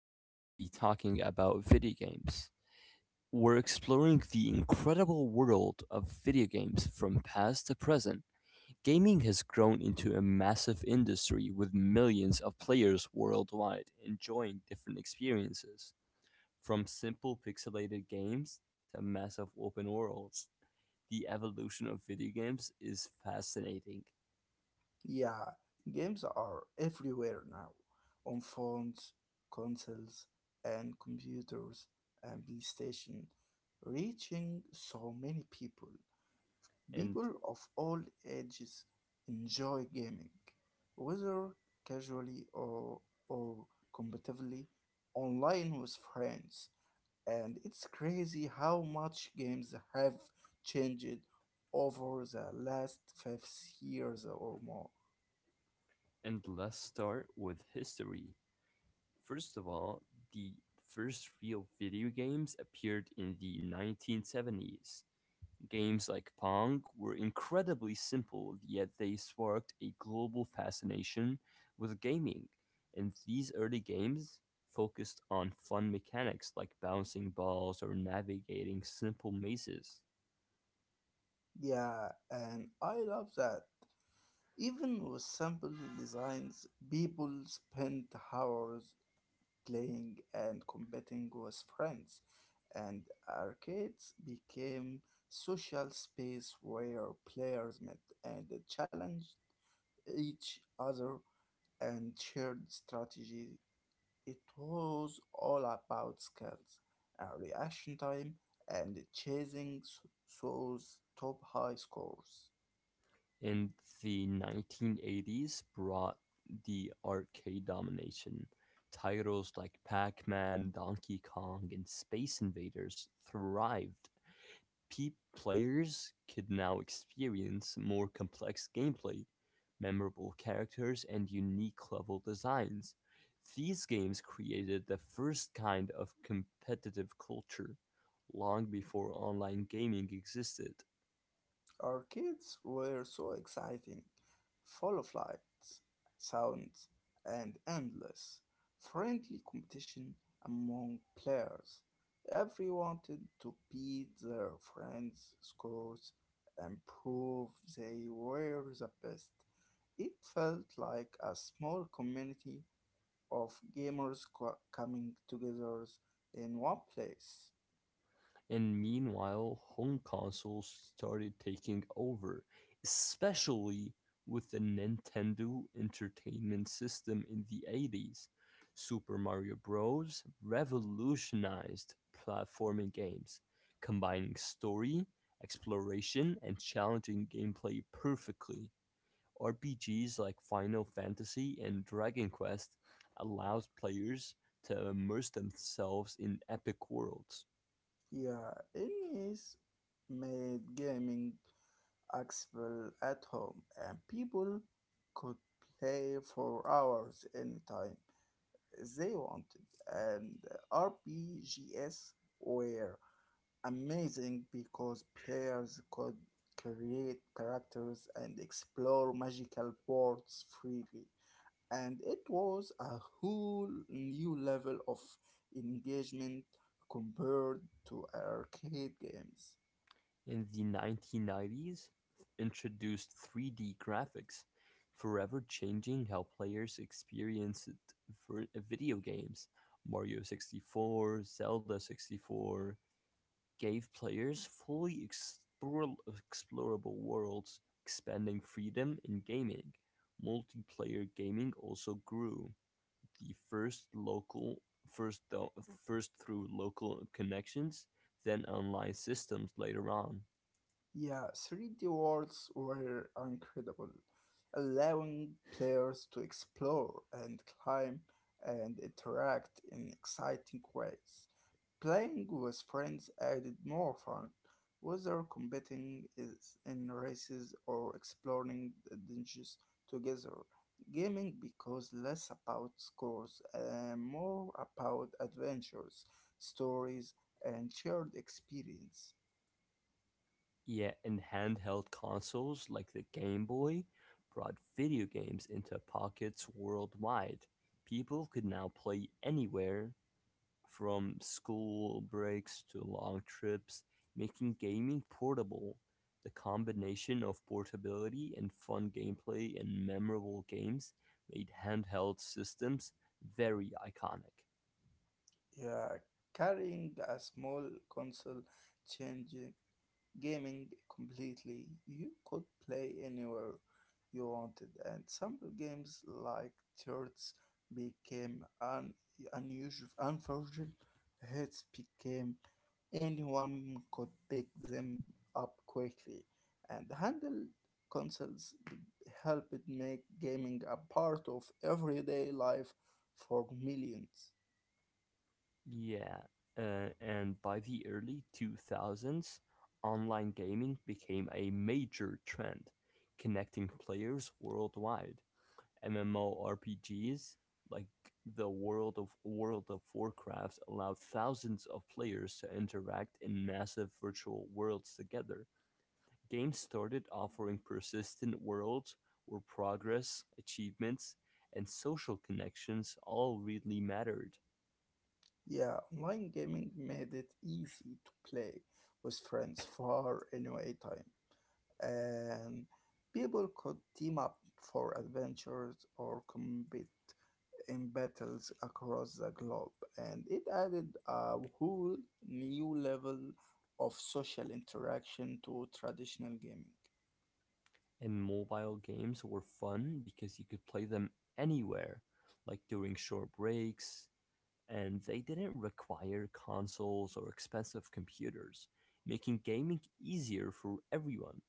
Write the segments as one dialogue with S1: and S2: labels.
S1: we are going to be talking about video games. We're exploring the incredible world of video games from past to present. Gaming has grown into a massive industry with millions of players worldwide enjoying different experiences, from simple pixelated games to massive open worlds. The evolution of video games is fascinating.
S2: Yeah, games are everywhere now on phones, consoles, and computers, and PlayStation, reaching so many people.
S1: And
S2: People of all ages enjoy gaming, whether casually or competitively, online with friends. And it's crazy how much games have changed over the last 5 years or more.
S1: and let's start with history. First of all, the first real video games appeared in the 1970s. Games like Pong were incredibly simple, yet they sparked a global fascination with gaming. And these early games focused on fun mechanics like bouncing balls or navigating simple mazes.
S2: Yeah, and I love that. Even with simple designs, people spend hours playing and competing with friends, and arcades became social space where players met and challenged each other and shared strategy. It was all about skills, reaction time, and chasing those top high scores.
S1: In the 1980s brought the arcade domination. Titles like Pac Man, Donkey Kong, and Space Invaders thrived. Players could now experience more complex gameplay, memorable characters, and unique level designs. These games created the first kind of competitive culture long before online gaming existed.
S2: Our kids were so exciting, full of lights, sounds, and endless friendly competition among players. Everyone wanted to beat their friends' scores and prove they were the best. It felt like a small community of gamers coming together in one place.
S1: And meanwhile, home consoles started taking over, especially with the Nintendo Entertainment System in the 80s. Super Mario Bros. Revolutionized platforming games, combining story, exploration, and challenging gameplay perfectly. RPGs like Final Fantasy and Dragon Quest allowed players to immerse themselves in epic worlds.
S2: Yeah, Ennis made gaming accessible at home, and people could play for hours anytime they wanted. And RPGs were amazing because players could create characters and explore magical worlds freely. And it was a whole new level of engagement compared to arcade games.
S1: In 1990s, introduced three D graphics, forever changing how players experienced video games. Mario 64, Zelda 64 gave players fully explorable worlds, expanding freedom in gaming. Multiplayer gaming also grew. The first, th- first through local connections, then online systems later on.
S2: Yeah, 3D worlds were incredible, allowing players to explore and climb and interact in exciting ways. Playing with friends added more fun, whether competing is in races or exploring the dungeons together. Gaming becomes less about scores and more about adventures, stories, and shared experience.
S1: Yeah, and handheld consoles like the Game Boy brought video games into pockets worldwide. People could now play anywhere from school breaks to long trips, making gaming portable. The combination of portability and fun gameplay and memorable games made handheld systems very iconic.
S2: Yeah, carrying a small console changed gaming completely. You could play anywhere you wanted, and some games like Turtles became unusual, unforgivable hits became anyone could pick them up quickly, and handheld consoles helped make gaming a part of everyday life for millions.
S1: Yeah, and by the early 2000s, online gaming became a major trend, connecting players worldwide. MMORPGs like the world of World of Warcraft allowed thousands of players to interact in massive virtual worlds together. Games started offering persistent worlds where progress, achievements, and social connections all really mattered.
S2: Yeah, online gaming made it easy to play with friends far and away time, and people could team up for adventures or compete in battles across the globe, and it added a whole new level of social interaction to traditional gaming.
S1: And mobile games were fun because you could play them anywhere, like during short breaks, and they didn't require consoles or expensive computers, making gaming easier for everyone.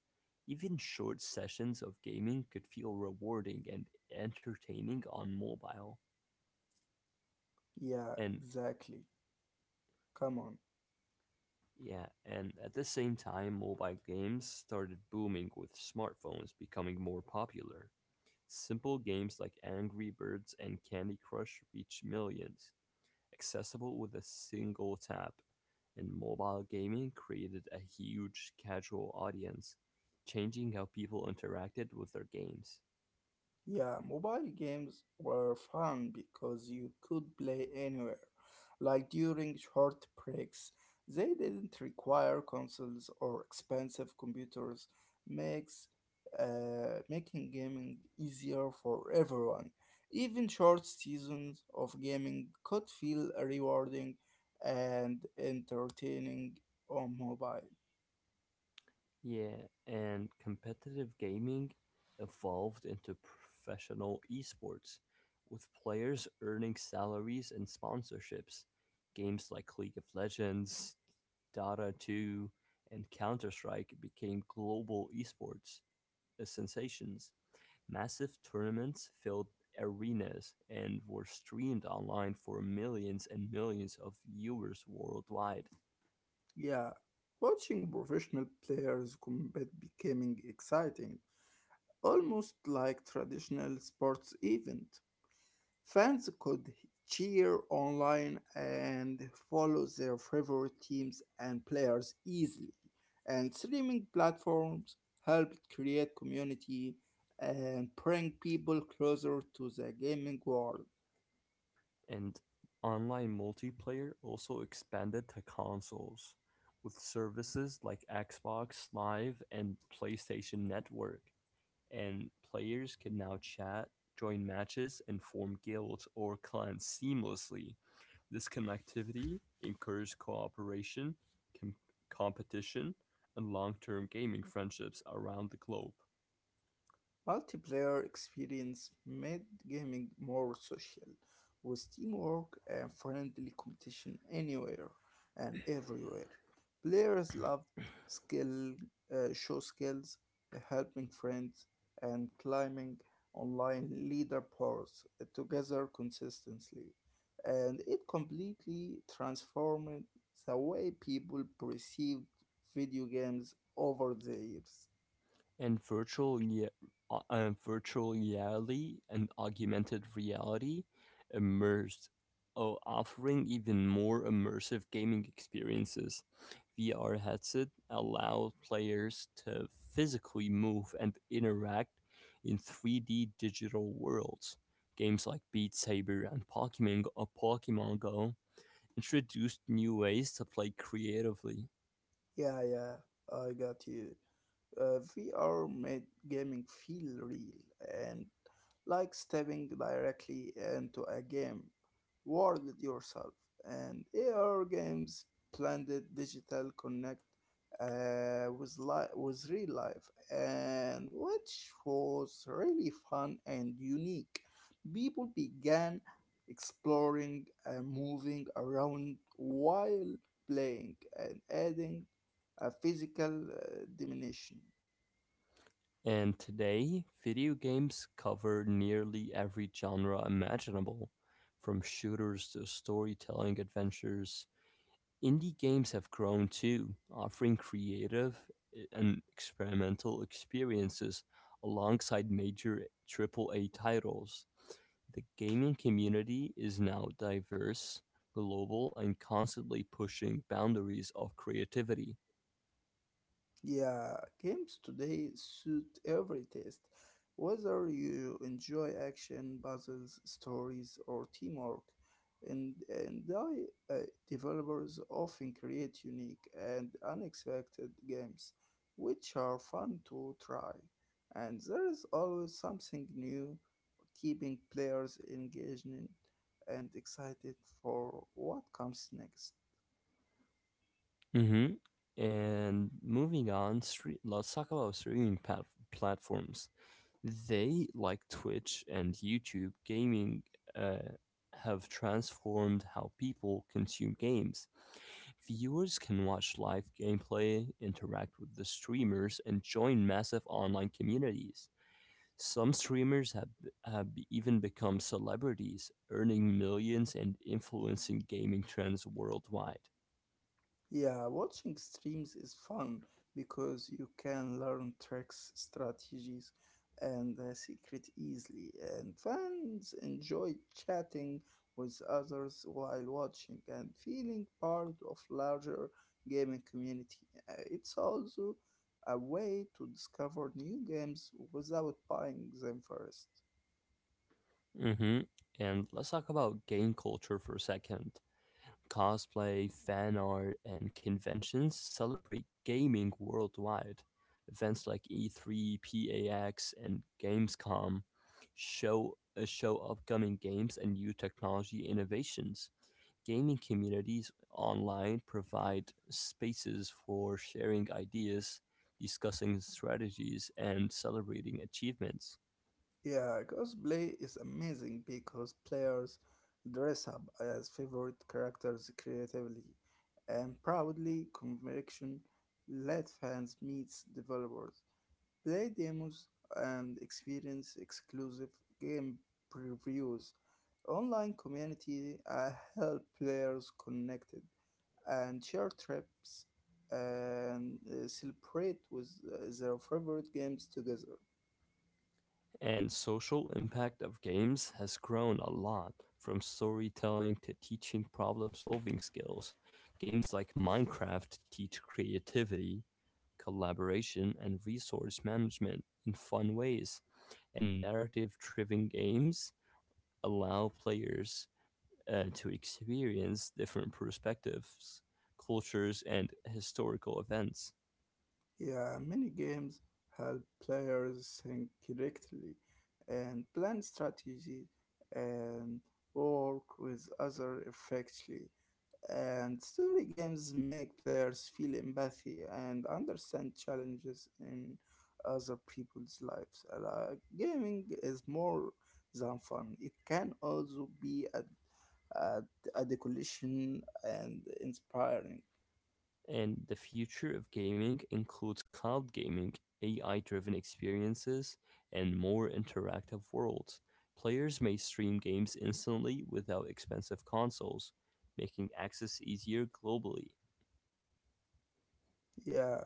S1: Even short sessions of gaming could feel rewarding and entertaining on mobile.
S2: Yeah,
S1: And
S2: exactly. Come on.
S1: yeah, and at the same time, mobile games started booming with smartphones becoming more popular. Simple games like Angry Birds and Candy Crush reach millions, accessible with a single tap, and mobile gaming created a huge casual audience, changing how people interacted with their games.
S2: Yeah, mobile games were fun because you could play anywhere, like during short breaks. They didn't require consoles or expensive computers, makes making gaming easier for everyone. Even short seasons of gaming could feel rewarding and entertaining on mobile.
S1: Yeah, and competitive gaming evolved into professional esports, with players earning salaries and sponsorships. Games like League of Legends, Dota 2, and Counter Strike became global esports sensations. Massive tournaments filled arenas and were streamed online for millions and millions of viewers worldwide.
S2: Yeah, watching professional players compete becoming exciting almost like traditional sports event. Fans could cheer online and follow their favorite teams and players easily. And streaming platforms helped create community and bring people closer to the gaming world.
S1: And online multiplayer also expanded to consoles, with services like Xbox Live and PlayStation Network, and players can now chat, join matches, and form guilds or clans seamlessly. This connectivity encouraged cooperation, com- competition, and long term gaming friendships around the globe.
S2: Multiplayer experience made gaming more social, with teamwork and friendly competition anywhere and everywhere. Players loved skill, show skills, helping friends, and climbing online leaderboards together consistently. And it completely transformed the way people perceived video games over the years.
S1: And virtual reality and augmented reality immersed offering even more immersive gaming experiences. VR headset allows players to physically move and interact in 3D digital worlds. Games like Beat Saber and Pokemon Go introduced new ways to play creatively.
S2: Yeah, yeah, I got you. VR made gaming feel real and like stepping directly into a game world yourself. And AR games blended digital connect with with real life, and which was really fun and unique. People began exploring and moving around while playing and adding a physical dimension.
S1: And today, video games cover nearly every genre imaginable, from shooters to storytelling adventures. Indie games have grown too, offering creative and experimental experiences alongside major triple A titles. The gaming community is now diverse, global, and constantly pushing boundaries of creativity.
S2: Yeah, games today suit every taste. Whether you enjoy action, puzzles, stories, or teamwork, and, and I, uh, developers often create unique and unexpected games, which are fun to try. And there is always something new, keeping players engaged and excited for what comes next.
S1: Mm-hmm. And moving on, let's talk about streaming platforms. They, like Twitch and YouTube, gaming uh, have transformed how people consume games. Viewers can watch live gameplay, interact with the streamers, and join massive online communities. Some streamers have, have even become celebrities, earning millions and influencing gaming trends worldwide.
S2: Yeah, watching streams is fun because you can learn tricks, strategies, and secret easily. And fans enjoy chatting with others while watching and feeling part of larger gaming community. It's also a way to discover new games without buying them first.
S1: Mm-hmm. And let's talk about game culture for a second. Cosplay, fan art, and conventions celebrate gaming worldwide. Events like E3, PAX, and Gamescom show show upcoming games and new technology innovations. Gaming communities online provide spaces for sharing ideas, discussing strategies, and celebrating achievements.
S2: Yeah, cosplay is amazing because players dress up as favorite characters creatively and proudly. Conviction let fans meet developers, play demos, and experience exclusive game previews. Online community help players connected and share trips and celebrate with their favorite games together.
S1: And social impact of games has grown a lot, from storytelling to teaching problem-solving skills. Games like Minecraft teach creativity, collaboration, and resource management in fun ways, and narrative-driven games allow players to experience different perspectives, cultures, and historical events.
S2: Yeah, many games help players think correctly and plan strategy and work with other effectively. And story games make players feel empathy and understand challenges in other people's lives. Like, gaming is more than fun. It can also be a decoration and inspiring.
S1: And the future of gaming includes cloud gaming, AI-driven experiences, and more interactive worlds. Players may stream games instantly without expensive consoles, making access easier globally.
S2: Yeah,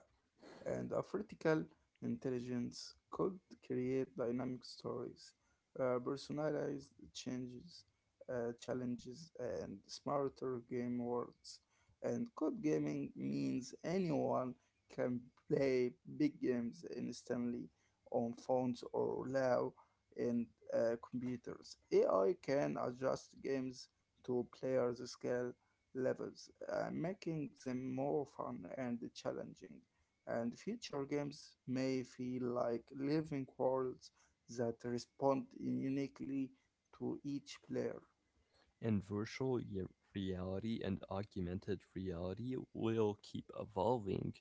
S2: and artificial intelligence could create dynamic stories, personalized changes, challenges, and smarter game worlds. And code gaming means anyone can play big games instantly on phones or low and computers. AI can adjust games to players' skill levels, making them more fun and challenging and future games may feel like living worlds that respond uniquely to each player.
S1: And virtual ye- reality and augmented reality will keep evolving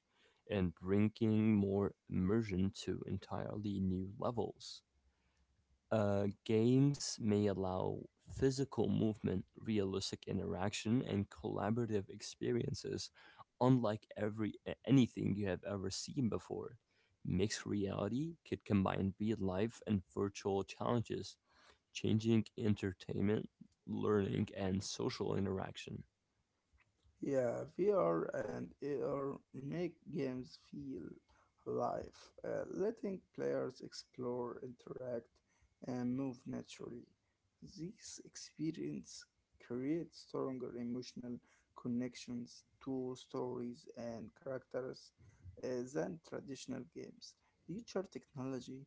S1: and bringing more immersion to entirely new levels. Games may allow physical movement, realistic interaction, and collaborative experiences, unlike anything you have ever seen before. Mixed reality could combine real life and virtual challenges, changing entertainment, learning, and social interaction.
S2: Yeah, VR and AR make games feel alive, letting players explore, interact, and move naturally. These experience create stronger emotional connections to stories and characters than traditional games. Future technology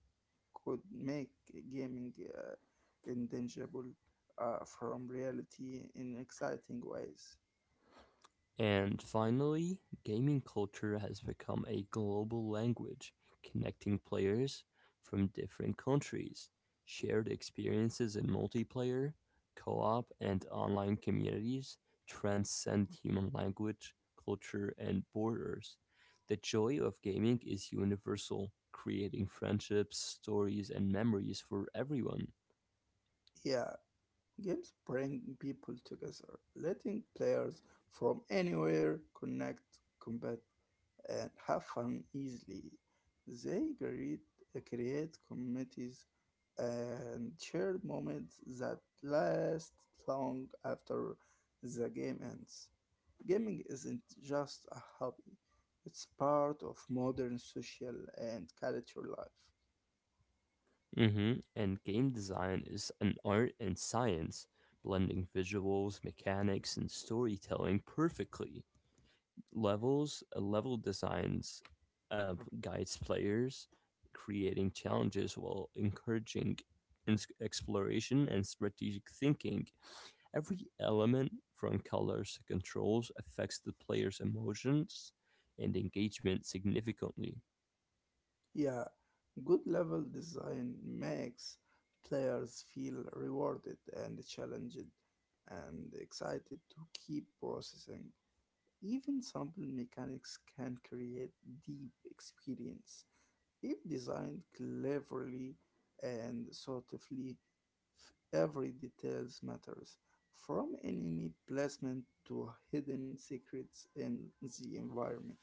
S2: could make gaming intangible from reality in exciting ways.
S1: And finally, gaming culture has become a global language, connecting players from different countries. Shared experiences in multiplayer, co op, and online communities transcend human language, culture, and borders. The joy of gaming is universal, creating friendships, stories, and memories for everyone.
S2: Yeah, games bring people together, letting players from anywhere connect, combat, and have fun easily. They create, create communities and shared moments that last long after the game ends. Gaming isn't just a hobby, it's part of modern social and cultural life.
S1: And game design is an art and science, blending visuals, mechanics, and storytelling perfectly. Level designs uh, guides players, creating challenges while encouraging exploration and strategic thinking. Every element, from colors to controls, affects the player's emotions and engagement significantly.
S2: Yeah, good level design makes players feel rewarded and challenged and excited to keep processing. Even simple mechanics can create deep experience. If designed cleverly and thoughtfully, every details matters, from enemy placement to hidden secrets in the environment.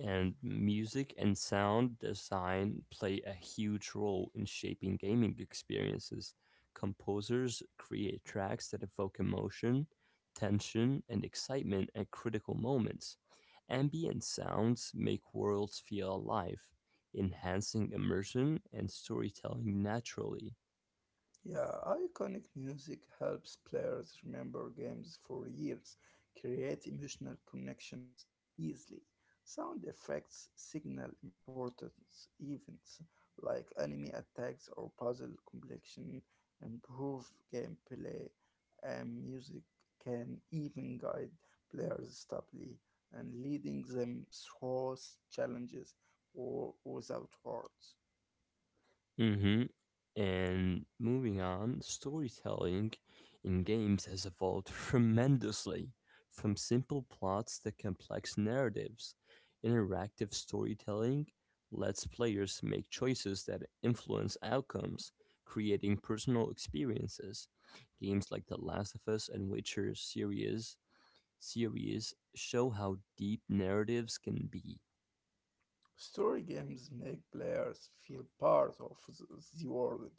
S1: And music and sound design play a huge role in shaping gaming experiences. Composers create tracks that evoke emotion, tension, and excitement at critical moments. Ambient sounds make worlds feel alive, enhancing immersion and storytelling naturally.
S2: Yeah, iconic music helps players remember games for years, create emotional connections easily. Sound effects signal important events like enemy attacks or puzzle completion, improve gameplay, and music can even guide players stably and leading them through challenges or without words.
S1: Mhm. And moving on, storytelling in games has evolved tremendously, from simple plots to complex narratives. Interactive storytelling lets players make choices that influence outcomes, creating personal experiences. Games like The Last of Us and Witcher series series show how deep narratives can be.
S2: Story games make players feel part of the world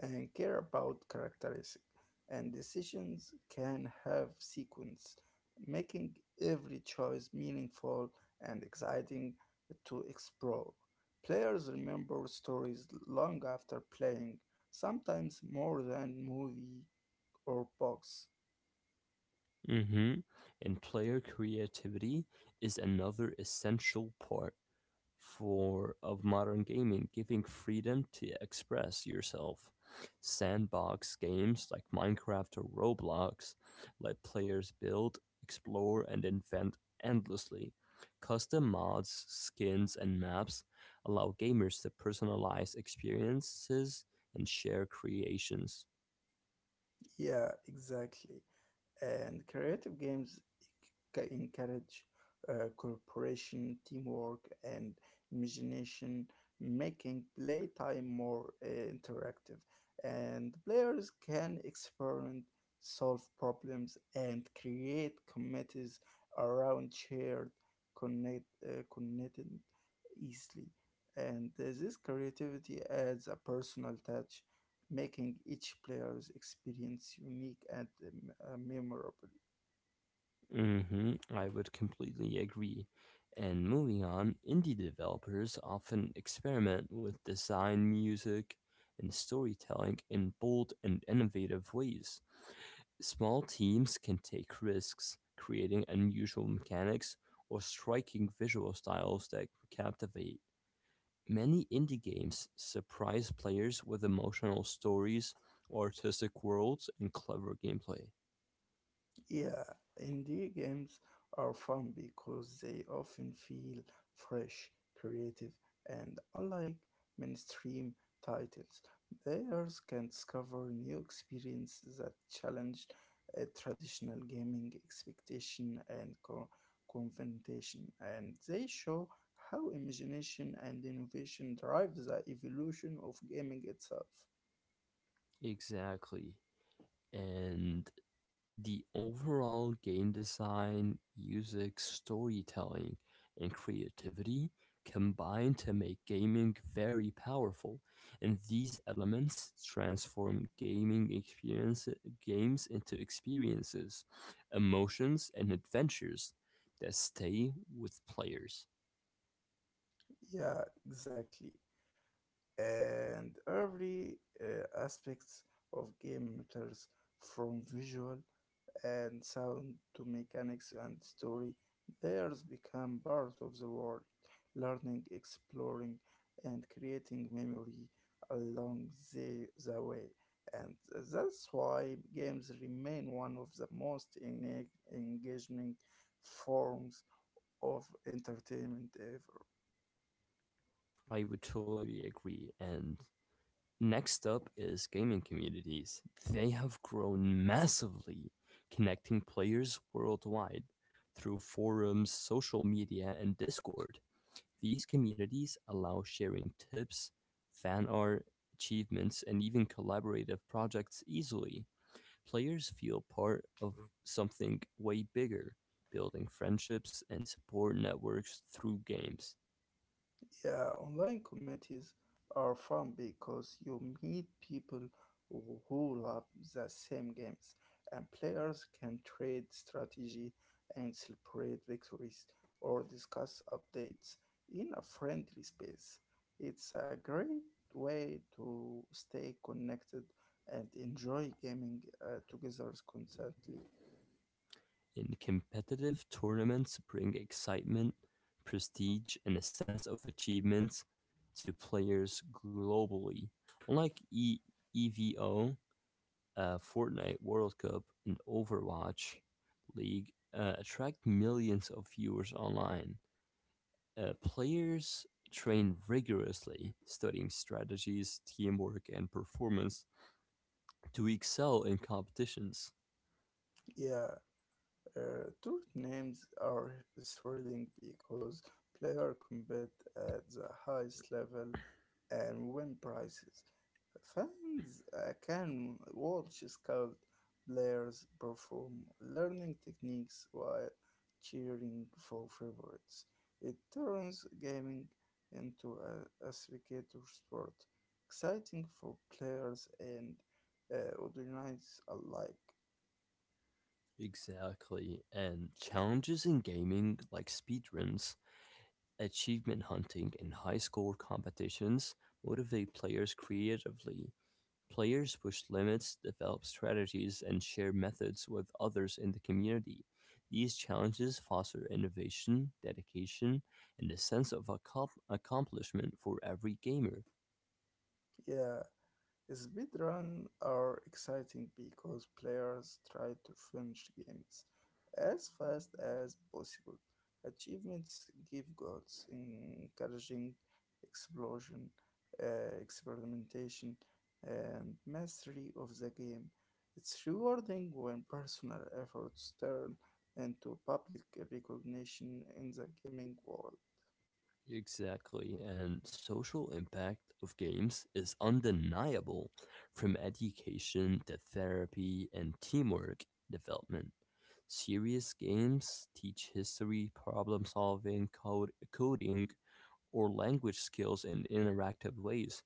S2: and care about characteristics and decisions can have sequence, making every choice meaningful and exciting to explore. Players remember stories long after playing, sometimes more than movie or books.
S1: Mhm. And player creativity is another essential part for of modern gaming, giving freedom to express yourself. Sandbox games like Minecraft or Roblox let players build, explore, and invent endlessly. Custom mods, skins, and maps allow gamers to personalize experiences and share creations.
S2: Yeah, exactly. And creative games encourage cooperation, teamwork, and imagination, making playtime more interactive. And players can experiment, solve problems, and create committees around shared connected easily. And this creativity adds a personal touch making each player's experience unique and memorable.
S1: I would completely agree. And moving on, indie developers often experiment with design, music, and storytelling in bold and innovative ways. Small teams can take risks, creating unusual mechanics or striking visual styles that captivate. Many indie games surprise players with emotional stories, artistic worlds, and clever gameplay.
S2: Yeah, indie games are fun because they often feel fresh, creative, and unlike mainstream titles, players can discover new experiences that challenge traditional gaming expectation and confrontation, and they show how imagination and innovation drive the evolution of gaming itself.
S1: Exactly. And the overall game design, music, storytelling, and creativity combine to make gaming very powerful, and these elements transform gaming experience games into experiences, emotions, and adventures that stay with players.
S2: Yeah, exactly. And every aspects of game matters from visual and sound to mechanics and story. Theirs become part of the world, learning, exploring, and creating memory along the way. And that's why games remain one of the most engaging forms of entertainment ever.
S1: I would totally agree, and next up is gaming communities. They have grown massively, connecting players worldwide through forums, social media, and Discord. These communities allow sharing tips, fan art, achievements, and even collaborative projects easily. Players feel part of something way bigger, building friendships and support networks through games.
S2: Yeah, online communities are fun because you meet people who love the same games, and players can trade strategy and celebrate victories or discuss updates in a friendly space. It's a great way to stay connected and enjoy gaming together constantly.
S1: In competitive tournaments bring excitement, prestige, and a sense of achievement to players globally. Unlike e- EVO, Fortnite World Cup, and Overwatch League attract millions of viewers online. Players train rigorously, studying strategies, teamwork, and performance to excel in competitions.
S2: Yeah, tour names are thrilling because players compete at the highest level and win prizes. Fans can watch skilled players perform learning techniques while cheering for favorites. It turns gaming into a spectator sport, exciting for players and audience alike.
S1: Exactly. And challenges in gaming like speedruns, achievement hunting, and high score competitions motivate players creatively. Players push limits, develop strategies, and share methods with others in the community. These challenges foster innovation, dedication, and a sense of accomplishment for every gamer.
S2: Yeah, speedruns are exciting because players try to finish games as fast as possible. Achievements give goals, encouraging explosion, experimentation, and mastery of the game. It's rewarding when personal efforts turn into public recognition in the gaming world.
S1: Exactly, and social impact of games is undeniable, from education to therapy and teamwork development. Serious games teach history, problem solving, coding, or language skills in interactive ways.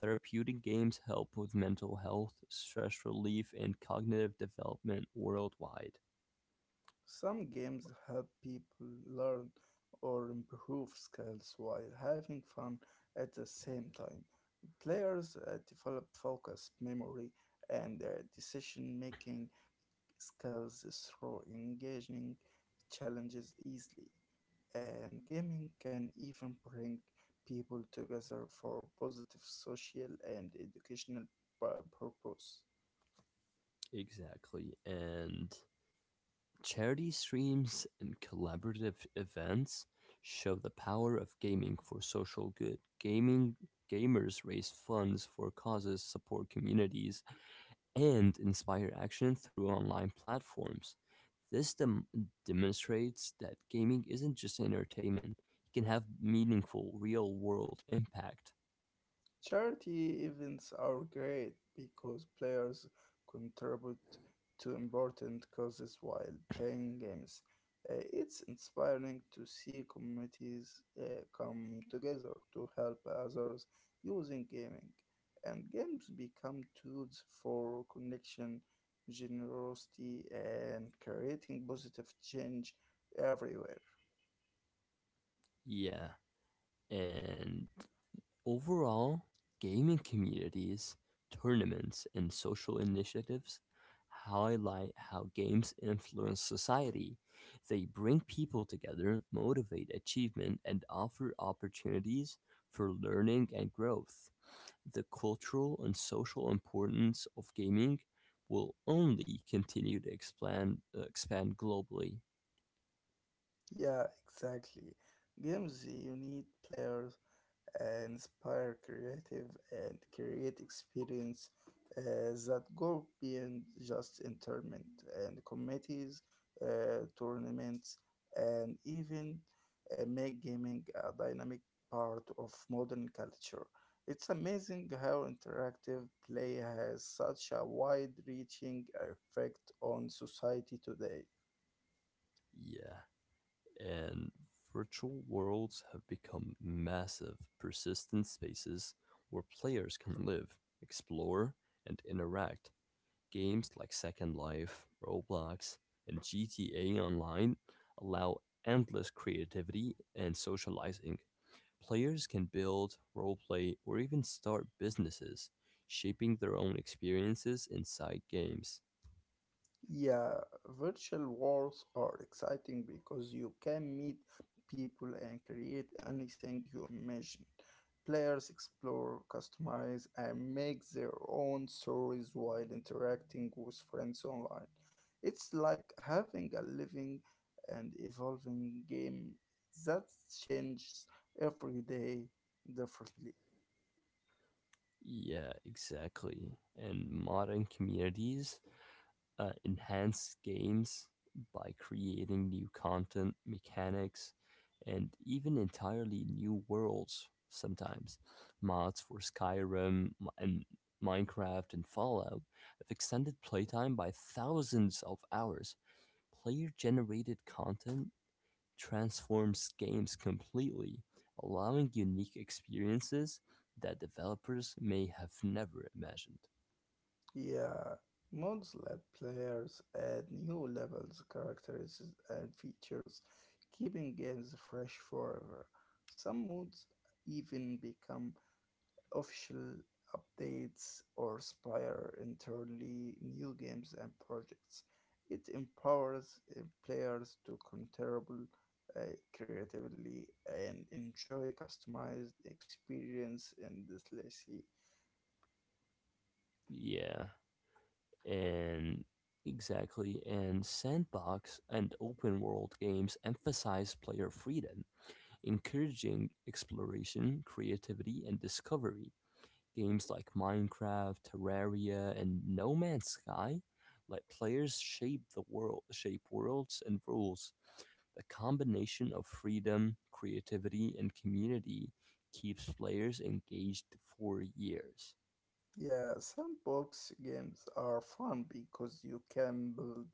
S1: Therapeutic games help with mental health, stress relief, and cognitive development worldwide.
S2: Some games help people learn or improve skills while having fun at the same time. Players develop focus, memory, and decision making skills through engaging challenges easily. And gaming can even bring people together for positive social and educational pu- purpose.
S1: Exactly, and charity streams and collaborative events show the power of gaming for social good. Gaming Gamers raise funds for causes, support communities, and inspire action through online platforms. This demonstrates that gaming isn't just entertainment, it can have meaningful real world impact.
S2: Charity events are great because players contribute to important causes while playing games. It's inspiring to see communities come together to help others using gaming, and games become tools for connection, generosity, and creating positive change everywhere.
S1: Yeah, and overall, gaming communities, tournaments, and social initiatives highlight how games influence society. They bring people together, motivate achievement, and offer opportunities for learning and growth. The cultural and social importance of gaming will only continue to expand globally.
S2: Yeah, exactly. Games unite players inspire creative and create experience that go beyond just entertainment and committees, tournaments, and even make gaming a dynamic part of modern culture. It's amazing how interactive play has such a wide reaching effect on society today.
S1: Yeah. And virtual worlds have become massive, persistent spaces where players can live, explore, and interact. Games like Second Life, Roblox, and GTA Online allow endless creativity and socializing. Players can build, roleplay, or even start businesses, shaping their own experiences inside games.
S2: Yeah, virtual worlds are exciting because you can meet people and create anything you imagine. Players explore, customize, and make their own stories while interacting with friends online. It's like having a living and evolving game that changes every day differently.
S1: Yeah, exactly. And modern communities enhance games by creating new content, mechanics, and even entirely new worlds sometimes. Mods for Skyrim and Minecraft and Fallout have extended playtime by thousands of hours. Player generated content transforms games completely, allowing unique experiences that developers may have never imagined.
S2: Yeah, mods let players add new levels, characters, and features, keeping games fresh forever. Some mods even become official updates or inspire entirely new games and projects. It empowers players to contribute uh, creatively and enjoy customized experience endlessly.
S1: Yeah, And Exactly, and sandbox and open world games emphasize player freedom, encouraging exploration, creativity, and discovery. Games like Minecraft, Terraria, and No Man's Sky let players shape worlds and rules. The combination of freedom, creativity, and community keeps players engaged for years.
S2: Yeah, sandbox games are fun because you can build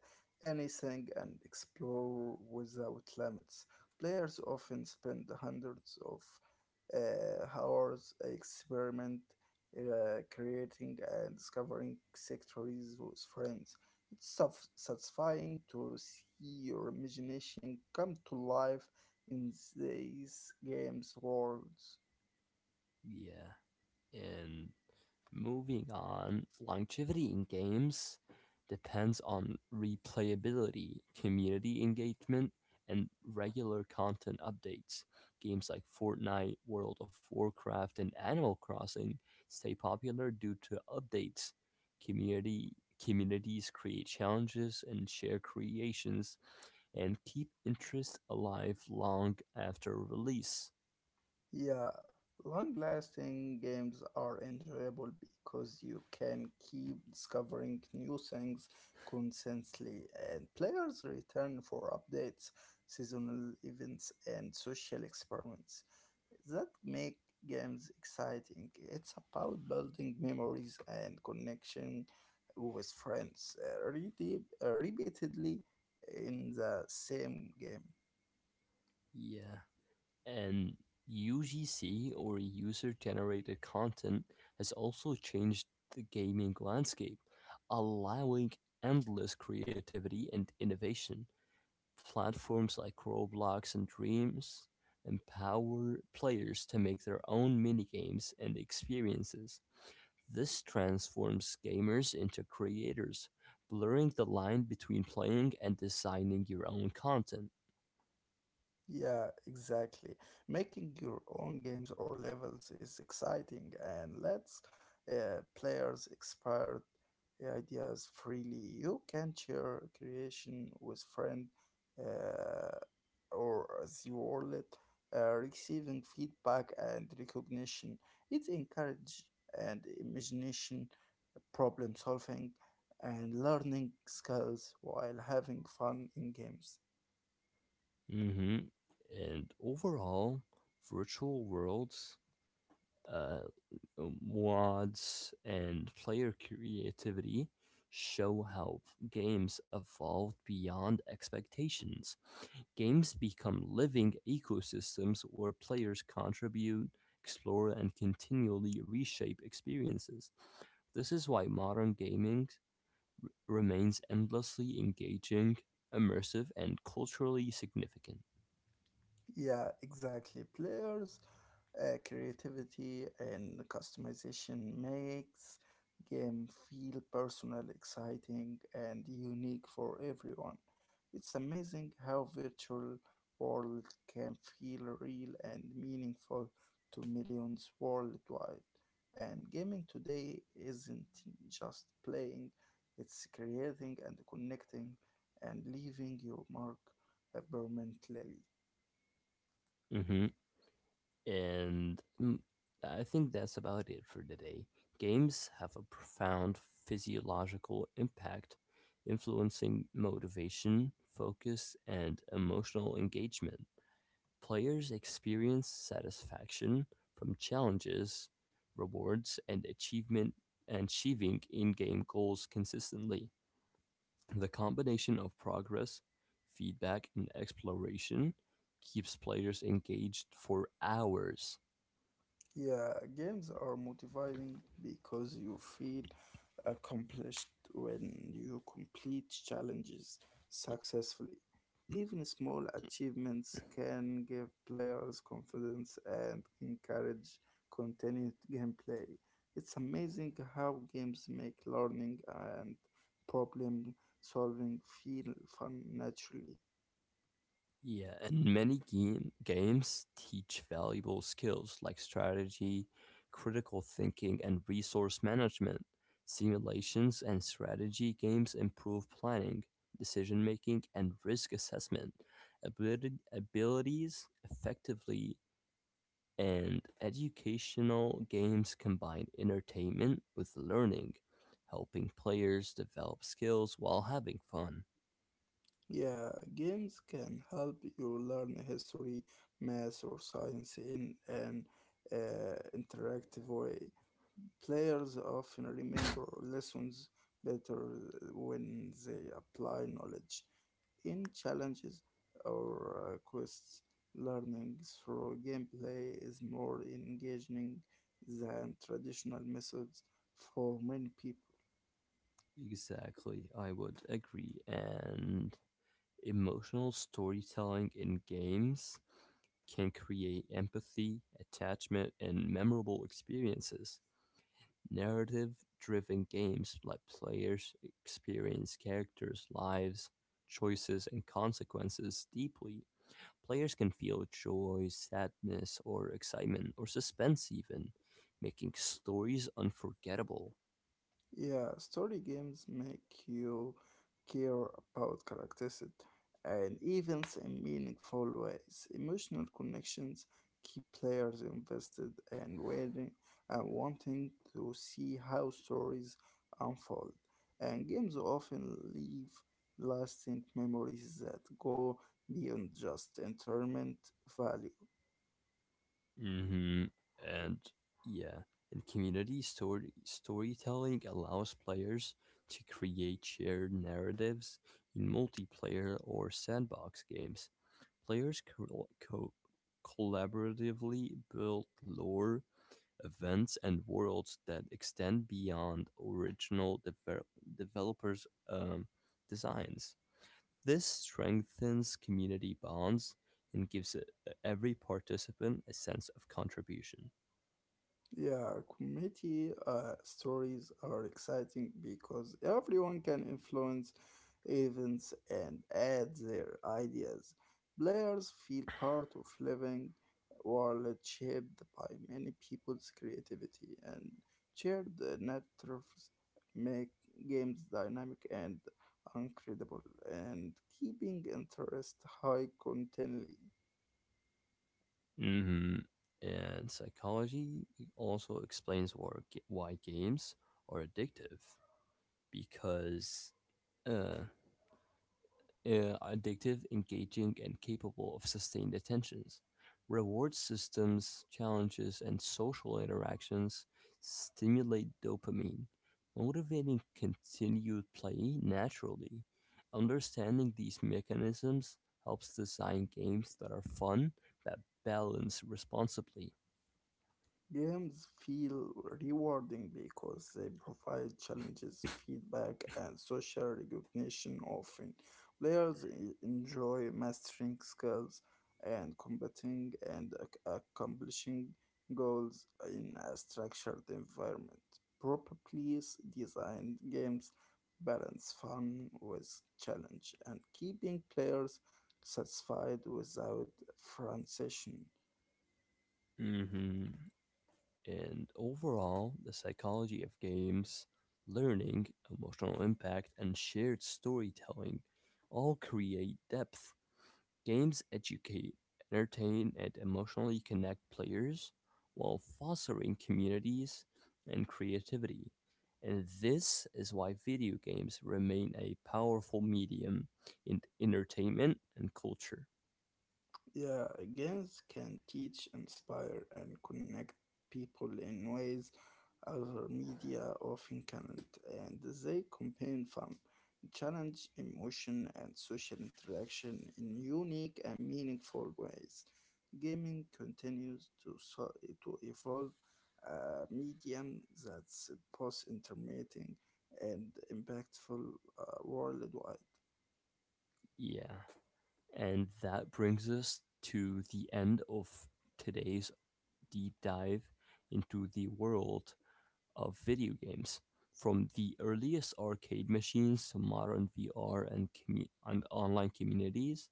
S2: anything and explore without limits. Players often spend hundreds of hours experiment, creating and discovering sectories with friends. It's satisfying to see your imagination come to life in these games' worlds.
S1: Yeah. And moving on, longevity in games depends on replayability, community engagement, and regular content updates. Games like Fortnite, World of Warcraft, and Animal Crossing stay popular due to updates. Community Communities create challenges and share creations and keep interest alive long after release.
S2: Yeah, long-lasting games are enjoyable because you can keep discovering new things constantly, and players return for updates, seasonal events, and social experiments that make games exciting. It's about building memories and connection with friends repeatedly in the same game.
S1: Yeah. And UGC or user generated content has also changed the gaming landscape, allowing endless creativity and innovation. Platforms like Roblox and Dreams empower players to make their own minigames and experiences. This transforms gamers into creators, blurring the line between playing and designing your own content.
S2: Yeah, exactly. Making your own games or levels is exciting and lets players explore ideas freely. You can share creation with friends uh, or as you all it, receiving feedback and recognition. It encourages and imagination, problem solving, and learning skills while having fun in games.
S1: hmm And overall, virtual worlds, uh, mods, and player creativity show how games evolved beyond expectations. Games become living ecosystems where players contribute, explore, and continually reshape experiences. This is why modern gaming remains endlessly engaging, immersive, and culturally significant.
S2: Yeah, exactly. Players creativity and customization makes game feel personal, exciting, and unique for everyone. It's amazing how virtual world can feel real and meaningful to millions worldwide. And gaming today isn't just playing, it's creating and connecting and leaving your mark permanently.
S1: Mhm. And mm, I think that's about it for today. Games have a profound physiological impact, influencing motivation, focus, and emotional engagement. Players experience satisfaction from challenges, rewards, and achieving in-game goals consistently. The combination of progress, feedback, and exploration keeps players engaged for hours.
S2: Yeah, games are motivating because you feel accomplished when you complete challenges successfully. Even small achievements can give players confidence and encourage continued gameplay. It's amazing how games make learning and problem solving feel fun naturally.
S1: Yeah, and games teach valuable skills like strategy, critical thinking, and resource management. Simulations and strategy games improve planning, decision making, and risk assessment. Abilities effectively, and educational games combine entertainment with learning, helping players develop skills while having fun.
S2: Yeah, games can help you learn history, math, or science in an interactive way. Players often remember lessons better when they apply knowledge in challenges or quests. Learning through gameplay is more engaging than traditional methods for many people.
S1: Exactly, I would agree. And emotional storytelling in games can create empathy, attachment, and memorable experiences. Narrative driven games let players experience characters' lives, choices, and consequences deeply. Players can feel joy, sadness, or excitement, or suspense, even, making stories unforgettable.
S2: Yeah, story games make you care about characters and events in meaningful ways. Emotional connections keep players invested and waiting and wanting to see how stories unfold. And games often leave lasting memories that go beyond just entertainment value.
S1: hmm And yeah, and community storytelling allows players to create shared narratives in multiplayer or sandbox games. Players collaboratively build lore, events, and worlds that extend beyond developers' um, designs. This strengthens community bonds and gives every participant a sense of contribution.
S2: Yeah, community stories are exciting because everyone can influence events and add their ideas. Players feel part of living world shaped by many people's creativity and shared narratives make games dynamic and incredible and keeping interest high continually.
S1: hmm And psychology also explains why games are addictive, because uh, addictive, engaging, and capable of sustained attentions. Reward systems, challenges, and social interactions stimulate dopamine, motivating continued play naturally. Understanding these mechanisms helps design games that are fun, that balance responsibly.
S2: Games feel rewarding because they provide challenges, feedback, and social recognition. Often, players enjoy mastering skills and combating and accomplishing goals in a structured environment. Properly designed games balance fun with challenge and keeping players satisfied without frustration.
S1: hmm And overall, the psychology of games, learning, emotional impact, and shared storytelling all create depth. Games educate, entertain, and emotionally connect players while fostering communities and creativity. And this is why video games remain a powerful medium in entertainment and culture.
S2: Yeah, games can teach, inspire, and connect people in ways other media often can't, and they combine fun, challenge, emotion, and social interaction in unique and meaningful ways. Gaming continues to, to evolve a medium that's both intermittent and impactful worldwide.
S1: Yeah. And that brings us to the end of today's deep dive into the world of video games, from the earliest arcade machines to modern VR and online communities.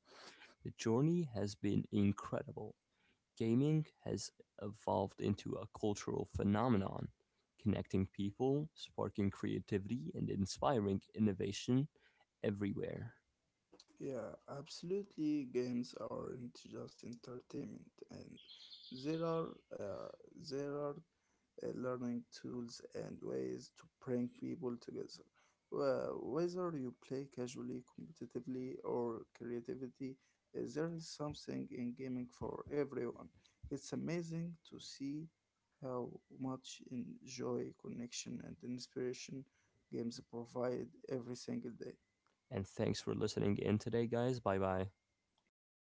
S1: The journey has been incredible. Gaming has evolved into a cultural phenomenon, connecting people, sparking creativity, and inspiring innovation everywhere.
S2: Yeah, absolutely. Games aren't just entertainment, and there are uh, there are learning tools and ways to bring people together. Well, whether you play casually, competitively, or creativity, there is something in gaming for everyone. It's amazing to see how much in joy, connection, and inspiration games provide every single day.
S1: And thanks for listening in today, guys. Bye bye.
S2: Bye bye.